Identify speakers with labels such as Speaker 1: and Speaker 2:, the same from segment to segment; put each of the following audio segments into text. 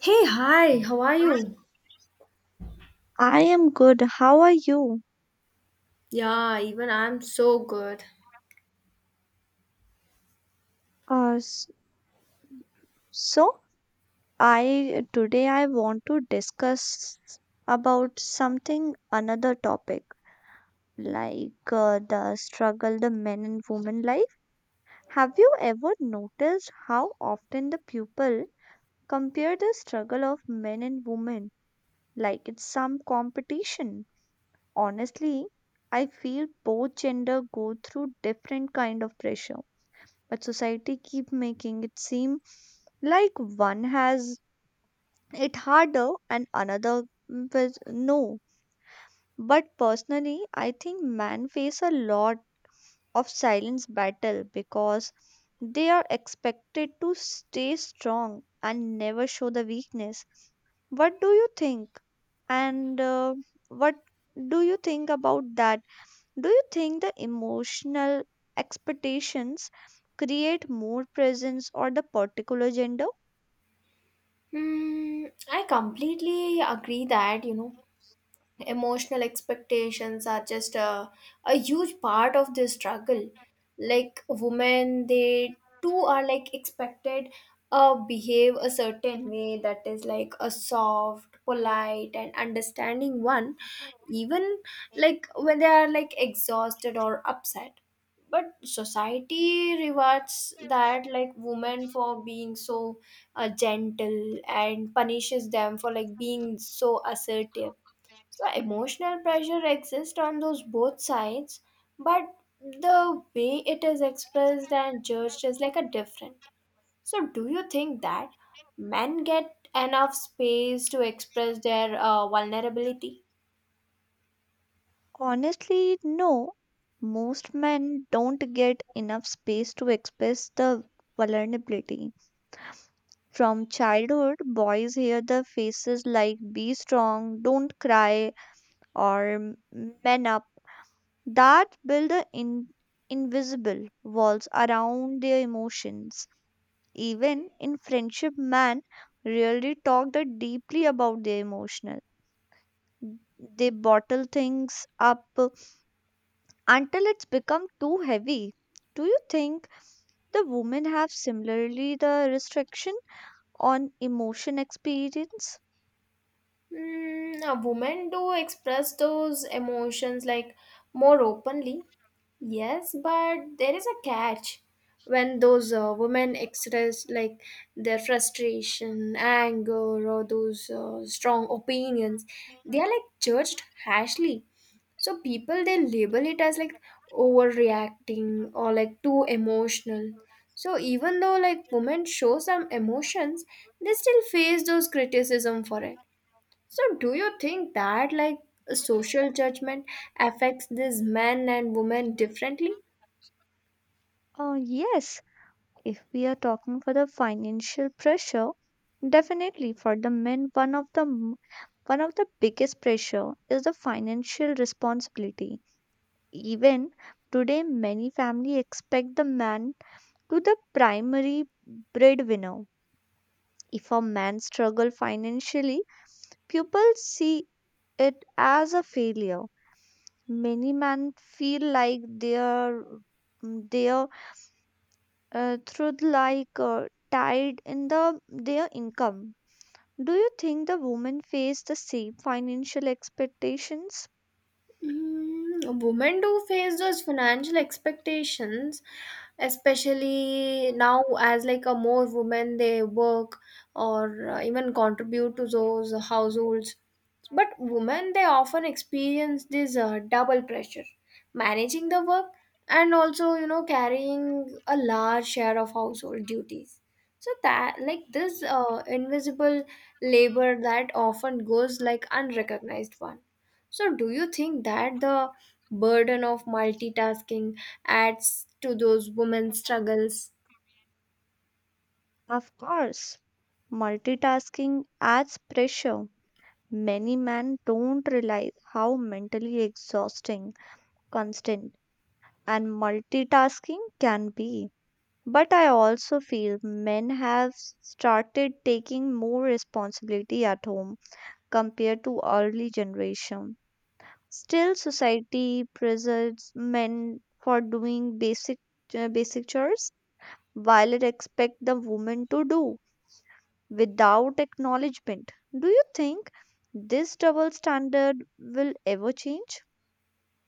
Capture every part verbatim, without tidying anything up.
Speaker 1: Hey, hi, how are you?
Speaker 2: I am good. How are you?
Speaker 1: Yeah, even I'm so good.
Speaker 2: Uh, s- so I today I want to discuss about something another topic like uh, the struggle the men and women life. Have you ever noticed how often the people compare the struggle of men and women like it's some competition? Honestly, I feel both gender go through different kind of pressure but society keep making it seem like one has it harder and another was no but personally I think men face a lot of silence battle because they are expected to stay strong and never show the weakness what do you think and uh, what do you think about that do you think the emotional expectations create more presence or the particular gender?
Speaker 1: Hmm, I completely agree that, you know, emotional expectations are just a, a huge part of this struggle. Like women, they too are like expected uh behave a certain way that is like a soft, polite and understanding one, even like when they are like exhausted or upset, but society rewards that like women for being so uh, gentle and punishes them for like being so assertive. So emotional pressure exists on those both sides, but the way it is expressed and judged is like a different. So do you think that men get enough space to express their uh, vulnerability?
Speaker 2: Honestly, no. Most men don't get enough space to express the vulnerability. From childhood, boys hear the phrases like be strong, don't cry, or "man up. That build the in- invisible walls around their emotions. Even in friendship man really talk that deeply about their emotional they bottle things up until it's become too heavy. Do you think the women have similarly the restriction on emotion experience?
Speaker 1: Mm, uh, women do express those emotions like more openly. Yes, but there is a catch. When those uh, women express like their frustration, anger, or those uh, strong opinions, they are like judged harshly. So people they label it as like overreacting or like too emotional. So even though like women show some emotions, they still face those criticism for it. So do you think that like social judgment affects these men and women differently?
Speaker 2: Uh, yes, if we are talking for the financial pressure, definitely for the men one of the m- one of the biggest pressure is the financial responsibility. Even today, many families expect the man to the primary breadwinner. If a man struggle financially, people see it as a failure. Many men feel like their their uh, truth like uh, tied in the their income. Do you think the women face the same financial expectations?
Speaker 1: Mm, women do face those financial expectations, especially now as like a more women they work or uh, even contribute to those households, but women, they often experience this uh, double pressure managing the work and also, you know, carrying a large share of household duties. So, that like this uh, invisible labor that often goes like unrecognized one. So, do you think that the burden of multitasking adds to those women's struggles?
Speaker 2: Of course, multitasking adds pressure. Many men don't realize how mentally exhausting, constant, and multitasking can be. But I also feel men have started taking more responsibility at home compared to early generation. Still, society praises men for doing basic uh, basic chores while it expects the woman to do without acknowledgement. Do you think this double standard will ever change?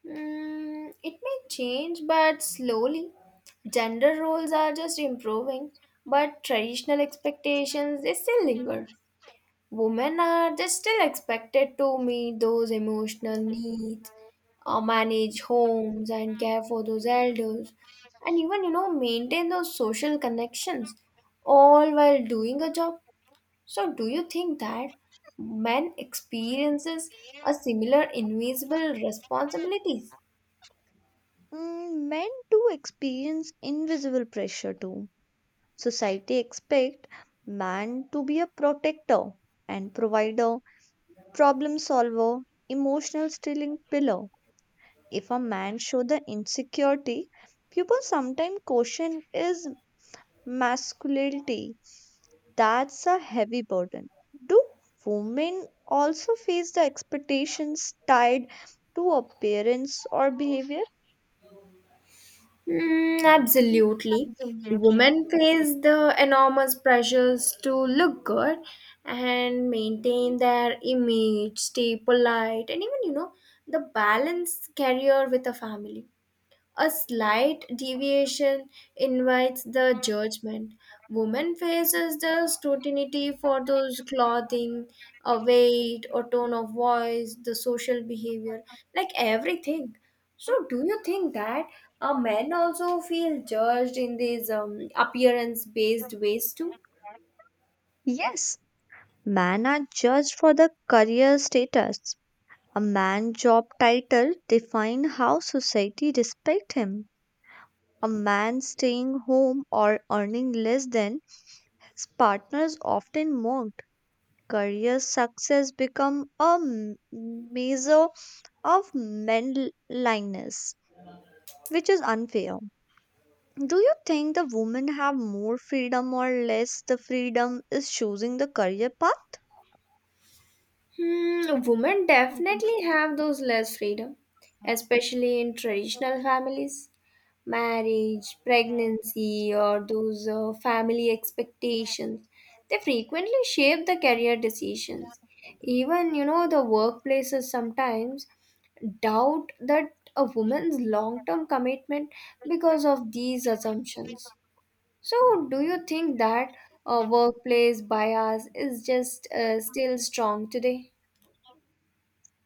Speaker 1: Mm, it may change, but slowly. Gender roles are just improving, but traditional expectations they still linger. Women are just still expected to meet those emotional needs, uh, manage homes, and care for those elders, and even you know maintain those social connections, all while doing a job. So, do you think that men experiences a similar invisible responsibilities?
Speaker 2: Mm, men do experience invisible pressure too. Society expect man to be a protector and provider, problem solver, emotional stealing pillar. If a man show the insecurity, people sometimes question is masculinity. That's a heavy burden. Do women also face the expectations tied to appearance or behavior?
Speaker 1: Mm, absolutely. Women face the enormous pressures to look good and maintain their image, stay polite, and even, you know, the balance career with a family. A slight deviation invites the judgment. Woman faces the scrutiny for those clothing, a weight, or tone of voice, the social behavior, like everything. So, do you think that uh, men also feel judged in these um, appearance-based ways too?
Speaker 2: Yes, men are judged for the career status. A man's job title defines how society respects him. A man staying home or earning less than his partners often mocked. Career success become a m- measure of manliness, which is unfair. Do you think the women have more freedom or less? The freedom is choosing the career path.
Speaker 1: Hmm, women definitely have those less freedom, especially in traditional families. Marriage, pregnancy, or those uh, family expectations, they frequently shape the career decisions. Even, you know, the workplaces sometimes doubt that a woman's long term commitment because of these assumptions. So, do you think that uh, workplace bias is just uh, still strong today?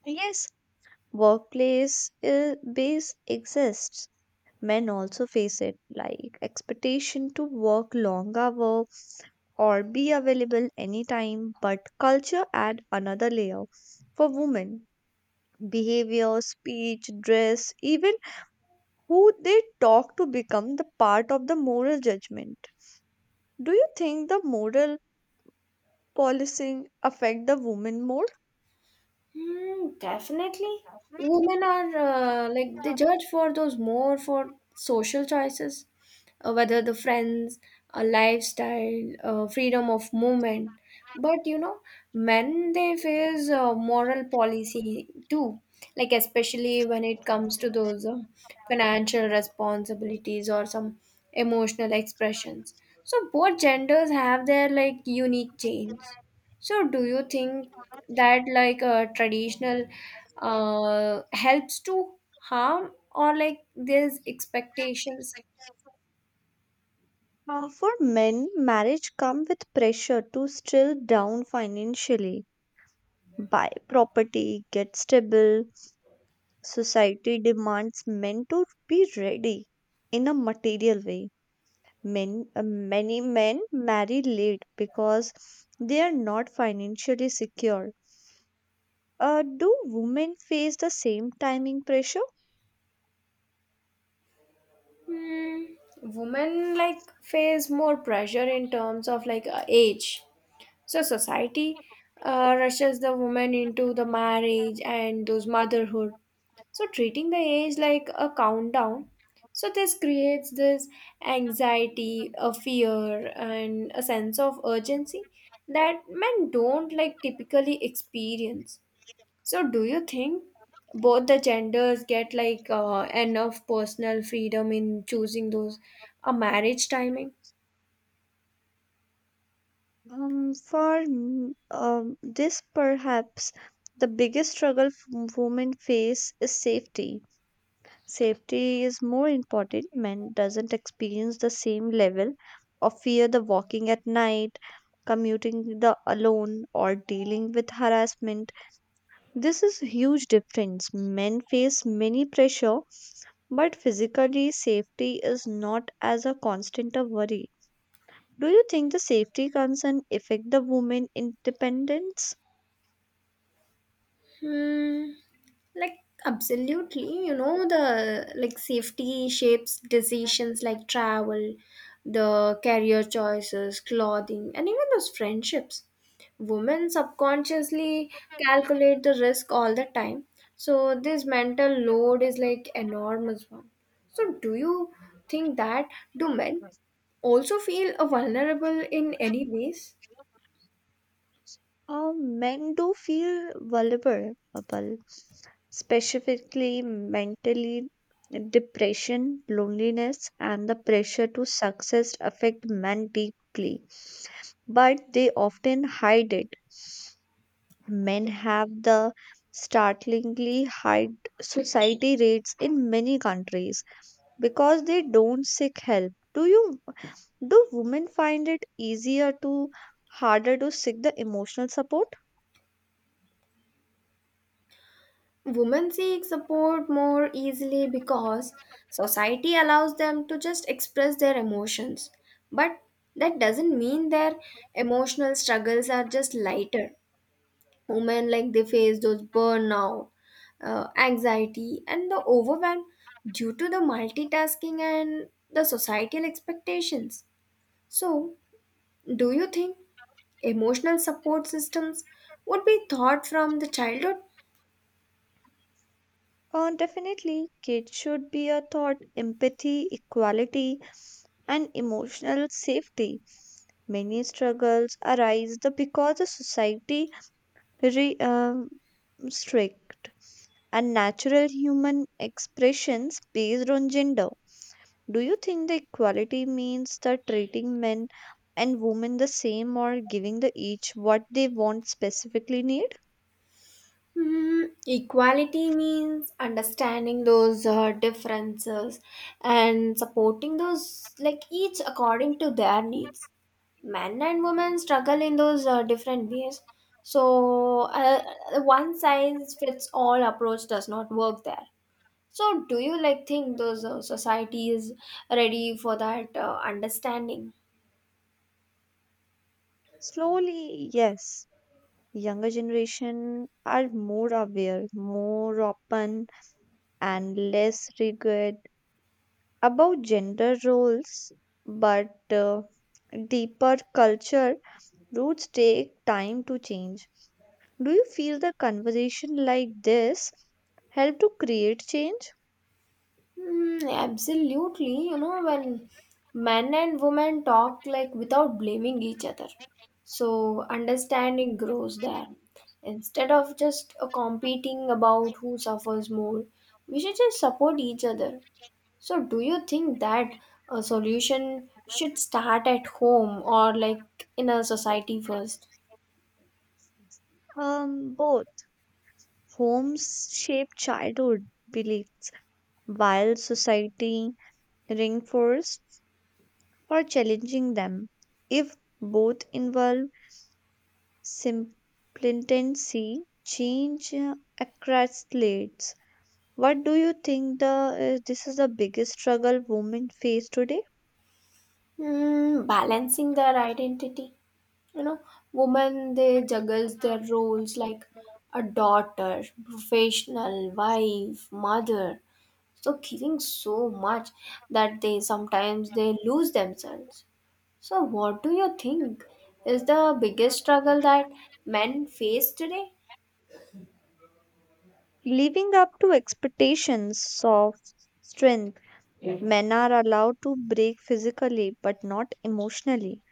Speaker 2: Yes, workplace uh, base exists. Men also face it, like expectation to work long hours or be available anytime. But culture add another layer for women. Behavior, speech, dress, even who they talk to become the part of the moral judgment. Do you think the moral policing affect the women more?
Speaker 1: Hmm, definitely. Women are uh, like they judge for those more for social choices, uh, whether the friends, a lifestyle, uh, freedom of movement. But you know, men they face uh, moral policy too, like especially when it comes to those uh, financial responsibilities or some emotional expressions. So both genders have their like unique chains. So, do you think that like a traditional uh, helps to harm or like there's expectations?
Speaker 2: Uh, for men, marriage come with pressure to still down financially, buy property, get stable. Society demands men to be ready in a material way. Men, uh, many men marry late because they are not financially secure. Uh, do women face the same timing pressure?
Speaker 1: Hmm. Women like face more pressure in terms of like uh, age. So society uh, rushes the woman into the marriage and those motherhood, so treating the age like a countdown. So this creates this anxiety, a fear and a sense of urgency that men don't like typically experience. So do you think both the genders get like uh, enough personal freedom in choosing those a marriage timing?
Speaker 2: Um, for m- um, this, perhaps the biggest struggle f- women face is safety. Safety is more important. Men doesn't experience the same level of fear the walking at night, commuting the alone, or dealing with harassment. This is huge difference. Men face many pressure, but physically safety is not as a constant a worry. Do you think the safety concern affect the women independence?
Speaker 1: Hmm, like absolutely, you know the like safety shapes decisions like travel, the career choices, clothing, and even those friendships. Women subconsciously calculate the risk all the time, so this mental load is like enormous one. So do you think that do men also feel uh, vulnerable in any ways?
Speaker 2: Uh, men do feel vulnerable, specifically mentally depression, loneliness, and the pressure to success affect men deeply, but they often hide it. Men have the startlingly high suicide rates in many countries because they don't seek help. Do you Do women find it easier to harder to seek the emotional support?
Speaker 1: Women seek support more easily because society allows them to just express their emotions. But that doesn't mean their emotional struggles are just lighter. Women like they face those burnout, uh, anxiety, and the overwhelm due to the multitasking and the societal expectations. So, do you think emotional support systems would be taught from the childhood?
Speaker 2: Uh, definitely, kids should be a taught empathy, equality, and emotional safety. Many struggles arise the because the society re, um, strict and natural human expressions based on gender. Do you think the equality means the treating men and women the same or giving the each what they want specifically need?
Speaker 1: Mm, equality means understanding those uh, differences and supporting those, like each according to their needs. Men and women struggle in those uh, different ways. So, uh, uh, one size fits all approach does not work there. So, do you like think those uh, society is ready for that uh, understanding?
Speaker 2: Slowly, yes. Younger generation are more aware, more open, and less rigid about gender roles, but uh, deeper culture roots take time to change. Do you feel the conversation like this help to create change?
Speaker 1: Hmm. Absolutely. You know, when men and women talk like without blaming each other, so understanding grows there. Instead of just uh, competing about who suffers more, we should just support each other. So, do you think that a solution should start at home or like in a society first?
Speaker 2: Um, both homes shape childhood belief, while society reinforce for challenging them. If both involve simultaneity, change uh, accelerates. What do you think the uh, this is the biggest struggle women face today?
Speaker 1: Hmm. Balancing their identity. you know women they juggles their roles like a daughter, professional, wife, mother, so giving so much that they sometimes they lose themselves. So what do you think is the biggest struggle that men face today?
Speaker 2: Living up to expectations of strength. Yeah. Men are allowed to break physically but not emotionally.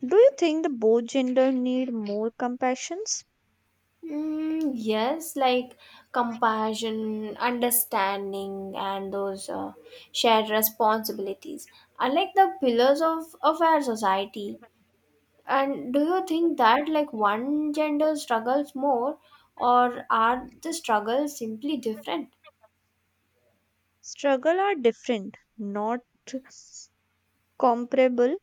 Speaker 2: Do you think the both gender need more compassions?
Speaker 1: Mm, yes, like compassion, understanding and those uh, shared responsibilities are like the pillars of of our society. And do you think that like one gender struggles more, or are the struggles simply different?
Speaker 2: Struggle are different, not comparable.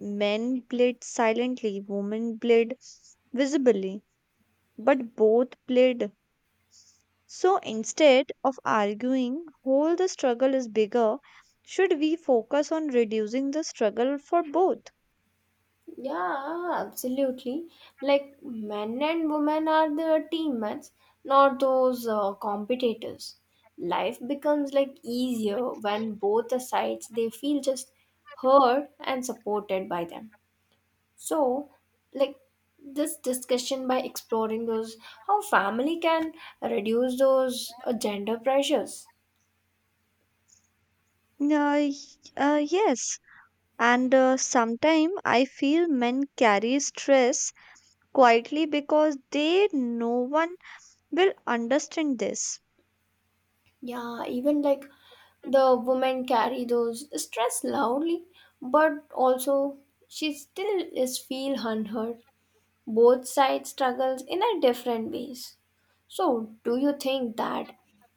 Speaker 2: Men played silently, women played visibly, but both played. So instead of arguing, whole the struggle is bigger, should we focus on reducing the struggle for both?
Speaker 1: Yeah, absolutely. Like men and women are the teammates, not those uh, competitors. Life becomes like easier when both the sides they feel just heard and supported by them. So, like this discussion by exploring those how family can reduce those uh, gender pressures.
Speaker 2: Uh, y- uh, yes. And uh, sometimes I feel men carry stress quietly because they no one will understand this.
Speaker 1: Yeah, even like the women carry those stress loudly, but also she still is feel unheard. Both sides struggles in a different ways. So, do you think that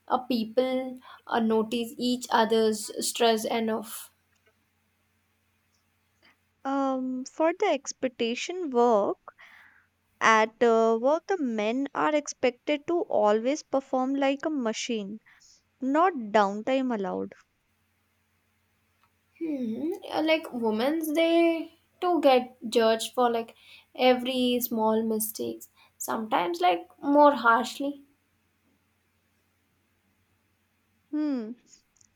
Speaker 1: a people uh, notice each other's stress enough?
Speaker 2: Um, for the expectation work, at uh, work, the men are expected to always perform like a machine, not downtime allowed.
Speaker 1: Hmm. uh, Like women's, they too get judged for like every small mistakes. Sometimes like more harshly.
Speaker 2: Hmm.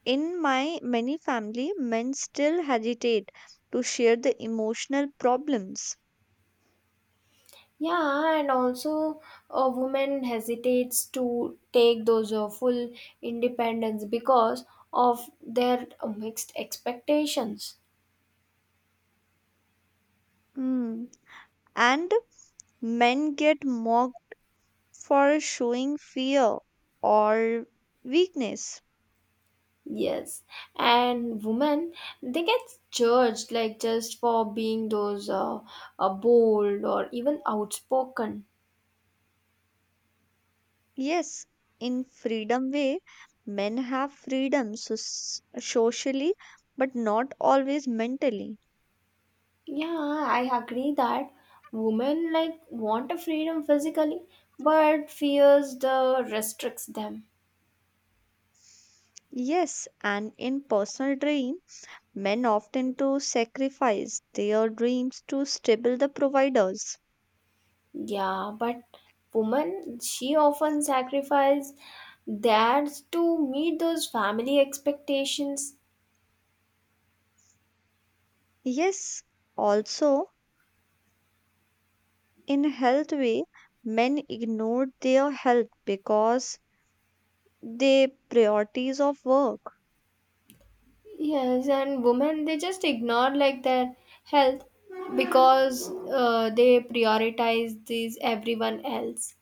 Speaker 2: In my many family, men still hesitate to share the emotional problems.
Speaker 1: Yeah, and also a woman hesitates to take those uh, full independence because of their mixed expectations.
Speaker 2: Hmm. And men get mocked for showing fear or weakness.
Speaker 1: Yes, and women they get judged like just for being those uh, uh, bold or even outspoken.
Speaker 2: Yes, in freedom way, men have freedom so- socially, but not always mentally.
Speaker 1: Yeah, I agree that women like want a freedom physically, but fears the restricts them.
Speaker 2: Yes, and in personal dream, men often to sacrifice their dreams to stable the providers.
Speaker 1: Yeah, but women, she often sacrifice theirs to meet those family expectations.
Speaker 2: Yes, also in health way, men ignored their health because they priorities of work.
Speaker 1: Yes, and women, they just ignore like their health because uh, they prioritize these everyone else.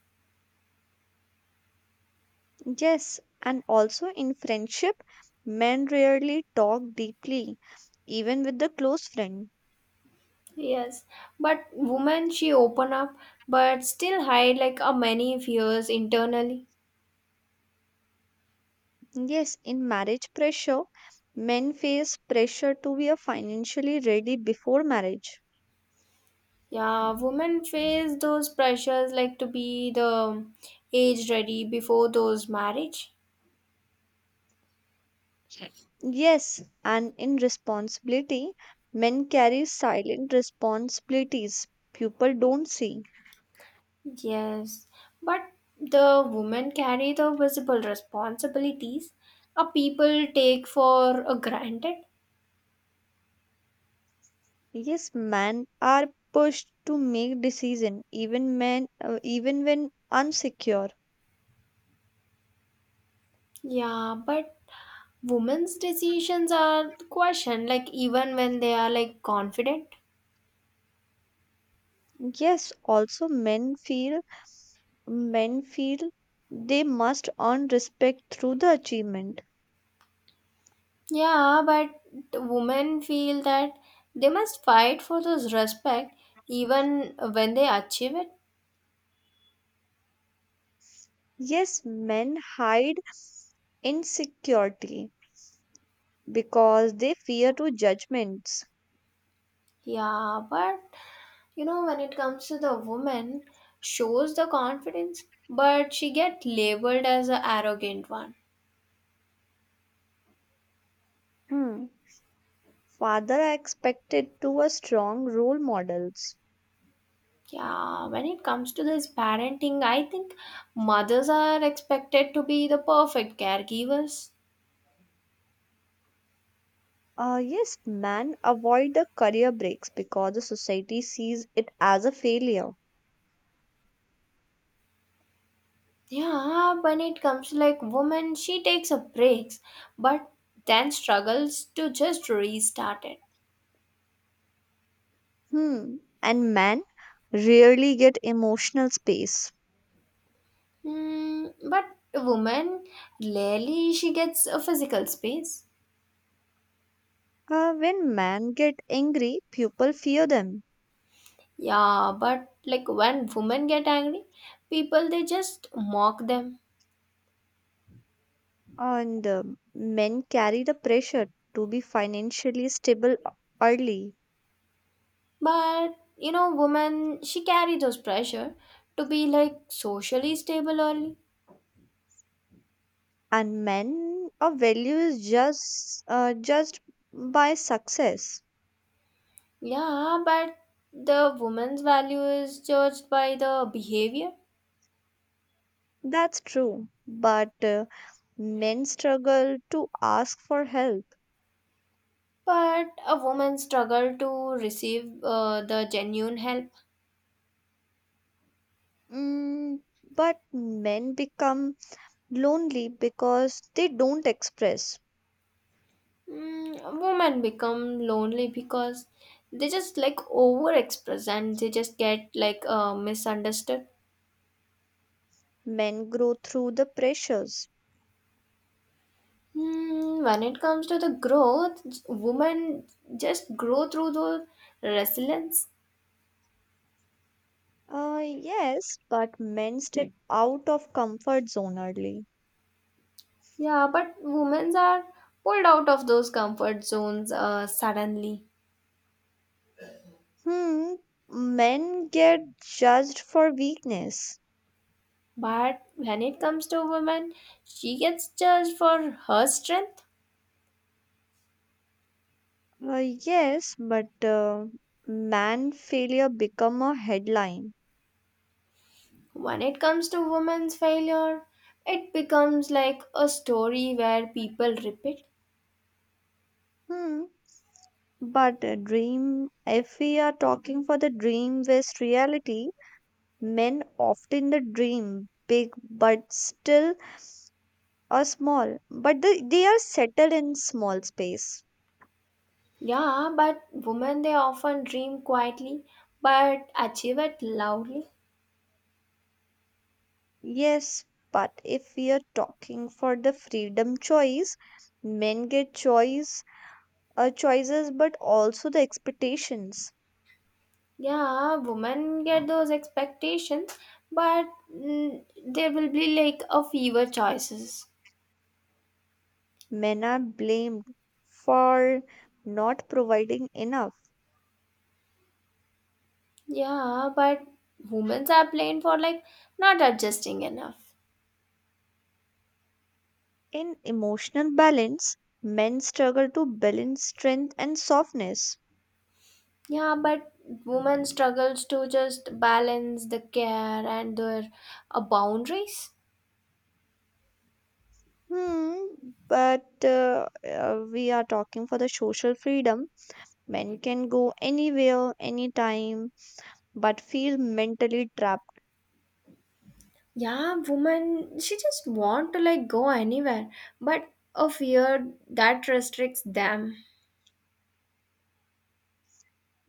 Speaker 2: Yes, and also in friendship, men rarely talk deeply, even with the close friend.
Speaker 1: Yes, but women, she open up, but still hide like a many fears internally.
Speaker 2: Yes, in marriage pressure, men face pressure to be a financially ready before marriage.
Speaker 1: Yeah, women face those pressures like to be the age ready before those marriage.
Speaker 2: Yes, and in responsibility, men carry silent responsibilities people don't see.
Speaker 1: Yes, but the women carry the visible responsibilities a people take for a granted.
Speaker 2: Yes, men are pushed to make decision even men uh, even when unsecure.
Speaker 1: Yeah, but women's decisions are questioned, like even when they are like confident.
Speaker 2: Yes, also men feel men feel they must earn respect through the achievement.
Speaker 1: Yeah, but women feel that they must fight for this respect even when they achieve it.
Speaker 2: Yes, men hide insecurity because they fear to judgments.
Speaker 1: Yeah, but you know, when it comes to the woman, shows the confidence, but she get labeled as a arrogant one.
Speaker 2: Hmm. Father are expected to a strong role models.
Speaker 1: Yeah, when it comes to this parenting, I think mothers are expected to be the perfect caregivers.
Speaker 2: Uh, yes, men avoid the career breaks because the society sees it as a failure.
Speaker 1: Yeah, when it comes to like woman, she takes a breaks, but then struggles to just restart it.
Speaker 2: Hmm. And men rarely get emotional space.
Speaker 1: Hmm, but woman, rarely she gets a physical space.
Speaker 2: Uh, when men get angry, people fear them.
Speaker 1: Yeah, but like when women get angry, people they just mock them.
Speaker 2: And um men carry the pressure to be financially stable early.
Speaker 1: But you know, woman she carry those pressure to be like socially stable early.
Speaker 2: And men, a value is just uh, judged by success.
Speaker 1: Yeah, but the woman's value is judged by the behavior.
Speaker 2: That's true, but uh, men struggle to ask for help.
Speaker 1: But a woman struggle to receive uh, the genuine help.
Speaker 2: Mm, but men become lonely because they don't express.
Speaker 1: Mm, women become lonely because they just like overexpress and they just get like uh, misunderstood.
Speaker 2: Men grow through the pressures.
Speaker 1: Hmm, when it comes to the growth, j- women just grow through those resilience.
Speaker 2: Uh, yes, but men step out of comfort zone early.
Speaker 1: Yeah, but women are pulled out of those comfort zones uh, suddenly.
Speaker 2: Hmm, men get judged for weakness.
Speaker 1: But when it comes to women, she gets judged for her strength.
Speaker 2: Uh, yes, but uh, man failure become a headline.
Speaker 1: When it comes to women's failure, it becomes like a story where people repeat.
Speaker 2: Hmm. But the dream, if we are talking for the dream versus reality, men often the dream big but still are small, but the, they are settled in small space.
Speaker 1: Yeah, but women they often dream quietly but achieve it loudly.
Speaker 2: Yes, but if we are talking for the freedom choice, men get choice uh, choices but also the expectations.
Speaker 1: Yeah, women get those expectations, but mm, there will be like a fewer choices.
Speaker 2: Men are blamed for not providing enough.
Speaker 1: Yeah, but women are blamed for like not adjusting enough.
Speaker 2: In emotional balance, men struggle to balance strength and softness.
Speaker 1: Yeah, but women struggles to just balance the care and their uh, boundaries.
Speaker 2: Hmm, but uh, uh, we are talking for the social freedom. Men can go anywhere, anytime, but feel mentally trapped.
Speaker 1: Yeah, woman, she just want to like go anywhere, but a fear that restricts them.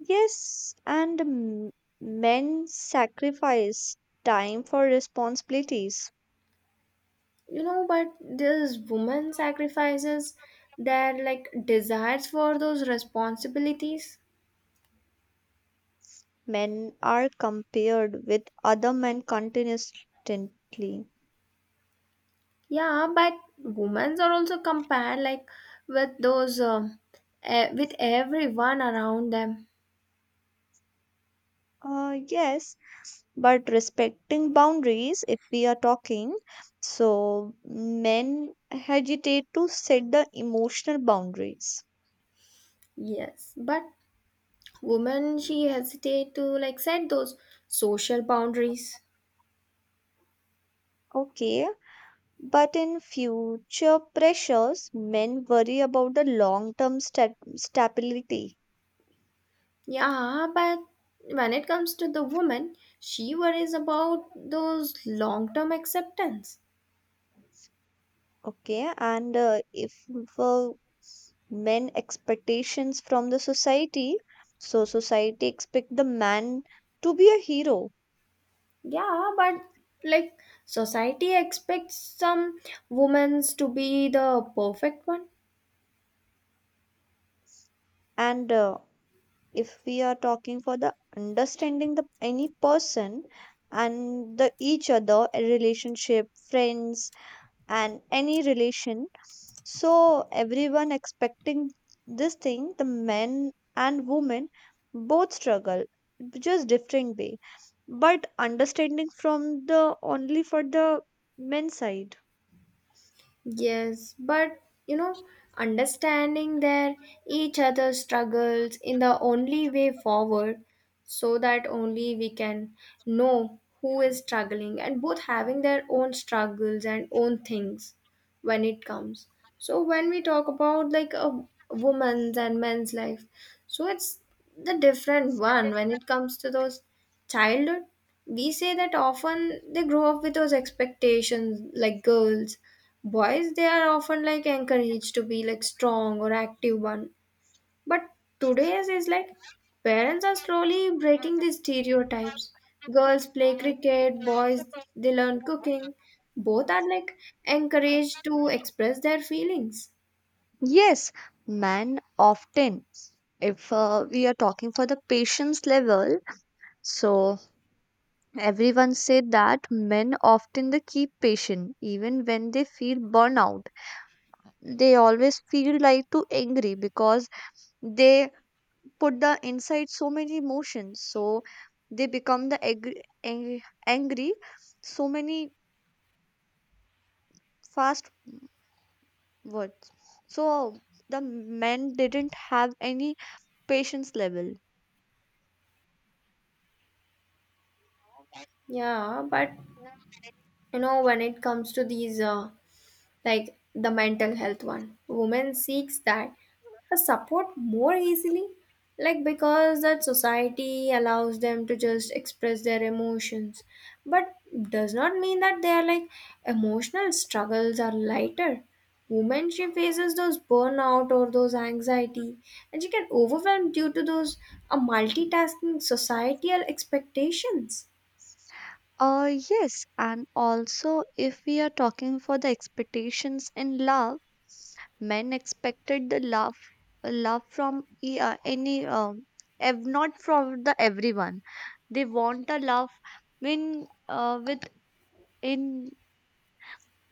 Speaker 2: Yes, and m- men sacrifice time for responsibilities.
Speaker 1: you know but these women sacrifices their like desires for those responsibilities.
Speaker 2: Men are compared with other men continuously.
Speaker 1: Yeah, but women are also compared like with those uh, eh, with everyone around them.
Speaker 2: Uh, yes, but respecting boundaries if we are talking, so men hesitate to set the emotional boundaries.
Speaker 1: Yes, but women she hesitate to like set those social boundaries.
Speaker 2: Okay, but in future pressures men worry about the long term stab- stability.
Speaker 1: Yeah, but when it comes to the woman, she worries about those long term acceptance.
Speaker 2: Okay, and uh, if uh, men expectations from the society, so society expect the man to be a hero.
Speaker 1: Yeah, but like society expects some women to be the perfect one.
Speaker 2: And uh, if we are talking for the understanding the any person and the each other a relationship friends and any relation, so everyone expecting this thing the men and women both struggle just different way, but understanding from the only for the men side.
Speaker 1: Yes, but you know, understanding their each other's struggles in the only way forward, so that only we can know who is struggling and both having their own struggles and own things when it comes. So when we talk about like a woman's and men's life, so it's the different one when it comes to those childhood. We say that often they grow up with those expectations like girls boys they are often like encouraged to be like strong or active one, but today's is like parents are slowly breaking these stereotypes. Girls play cricket, boys they learn cooking, both are like encouraged to express their feelings.
Speaker 2: Yes, man often, if uh, we are talking for the patience level, so everyone said that men often they keep patient even when they feel burnout. They always feel like too angry because they put the inside so many emotions. So they become the angry, angry, angry so many fast words. So the men didn't have any patience level.
Speaker 1: Yeah, but you know when it comes to these uh, like the mental health one. Women seeks that the support more easily, like because that society allows them to just express their emotions, but does not mean that they are like emotional struggles are lighter. Women she faces those burnout or those anxiety, and she can overwhelm due to those a multitasking societal expectations.
Speaker 2: Uh, yes, and also if we are talking for the expectations in love, men expected the love, love from e- uh, any, um, ev- not from the everyone. They want a love when uh, with in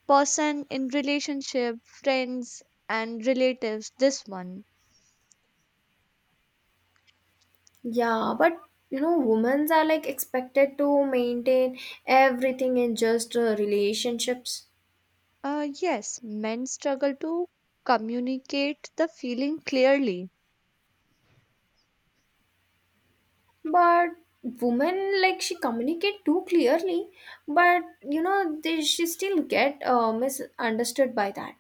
Speaker 2: person, in relationship, friends, and relatives. This one,
Speaker 1: Yeah, but you know, women are like expected to maintain everything in just uh, relationships.
Speaker 2: uh, yes, men struggle to communicate the feeling clearly.
Speaker 1: But women like she communicate too clearly, but you know, they she still get uh, misunderstood by that.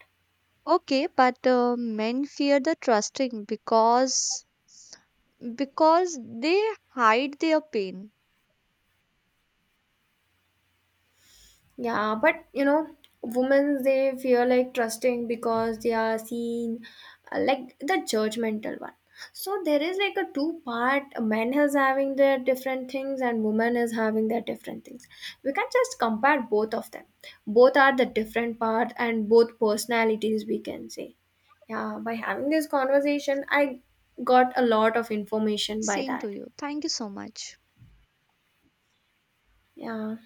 Speaker 2: Okay, but uh, men fear the trusting because because they hide their pain.
Speaker 1: Yeah, but you know, women they feel like trusting because they are seen uh, like the judgmental one. So there is like a two part men is having their different things and women is having their different things. We can not just compare both of them. Both are the different part and both personalities we can say. Yeah, by having this conversation I got a lot of information by
Speaker 2: Same
Speaker 1: that.
Speaker 2: to you. Thank you so much.
Speaker 1: Yeah,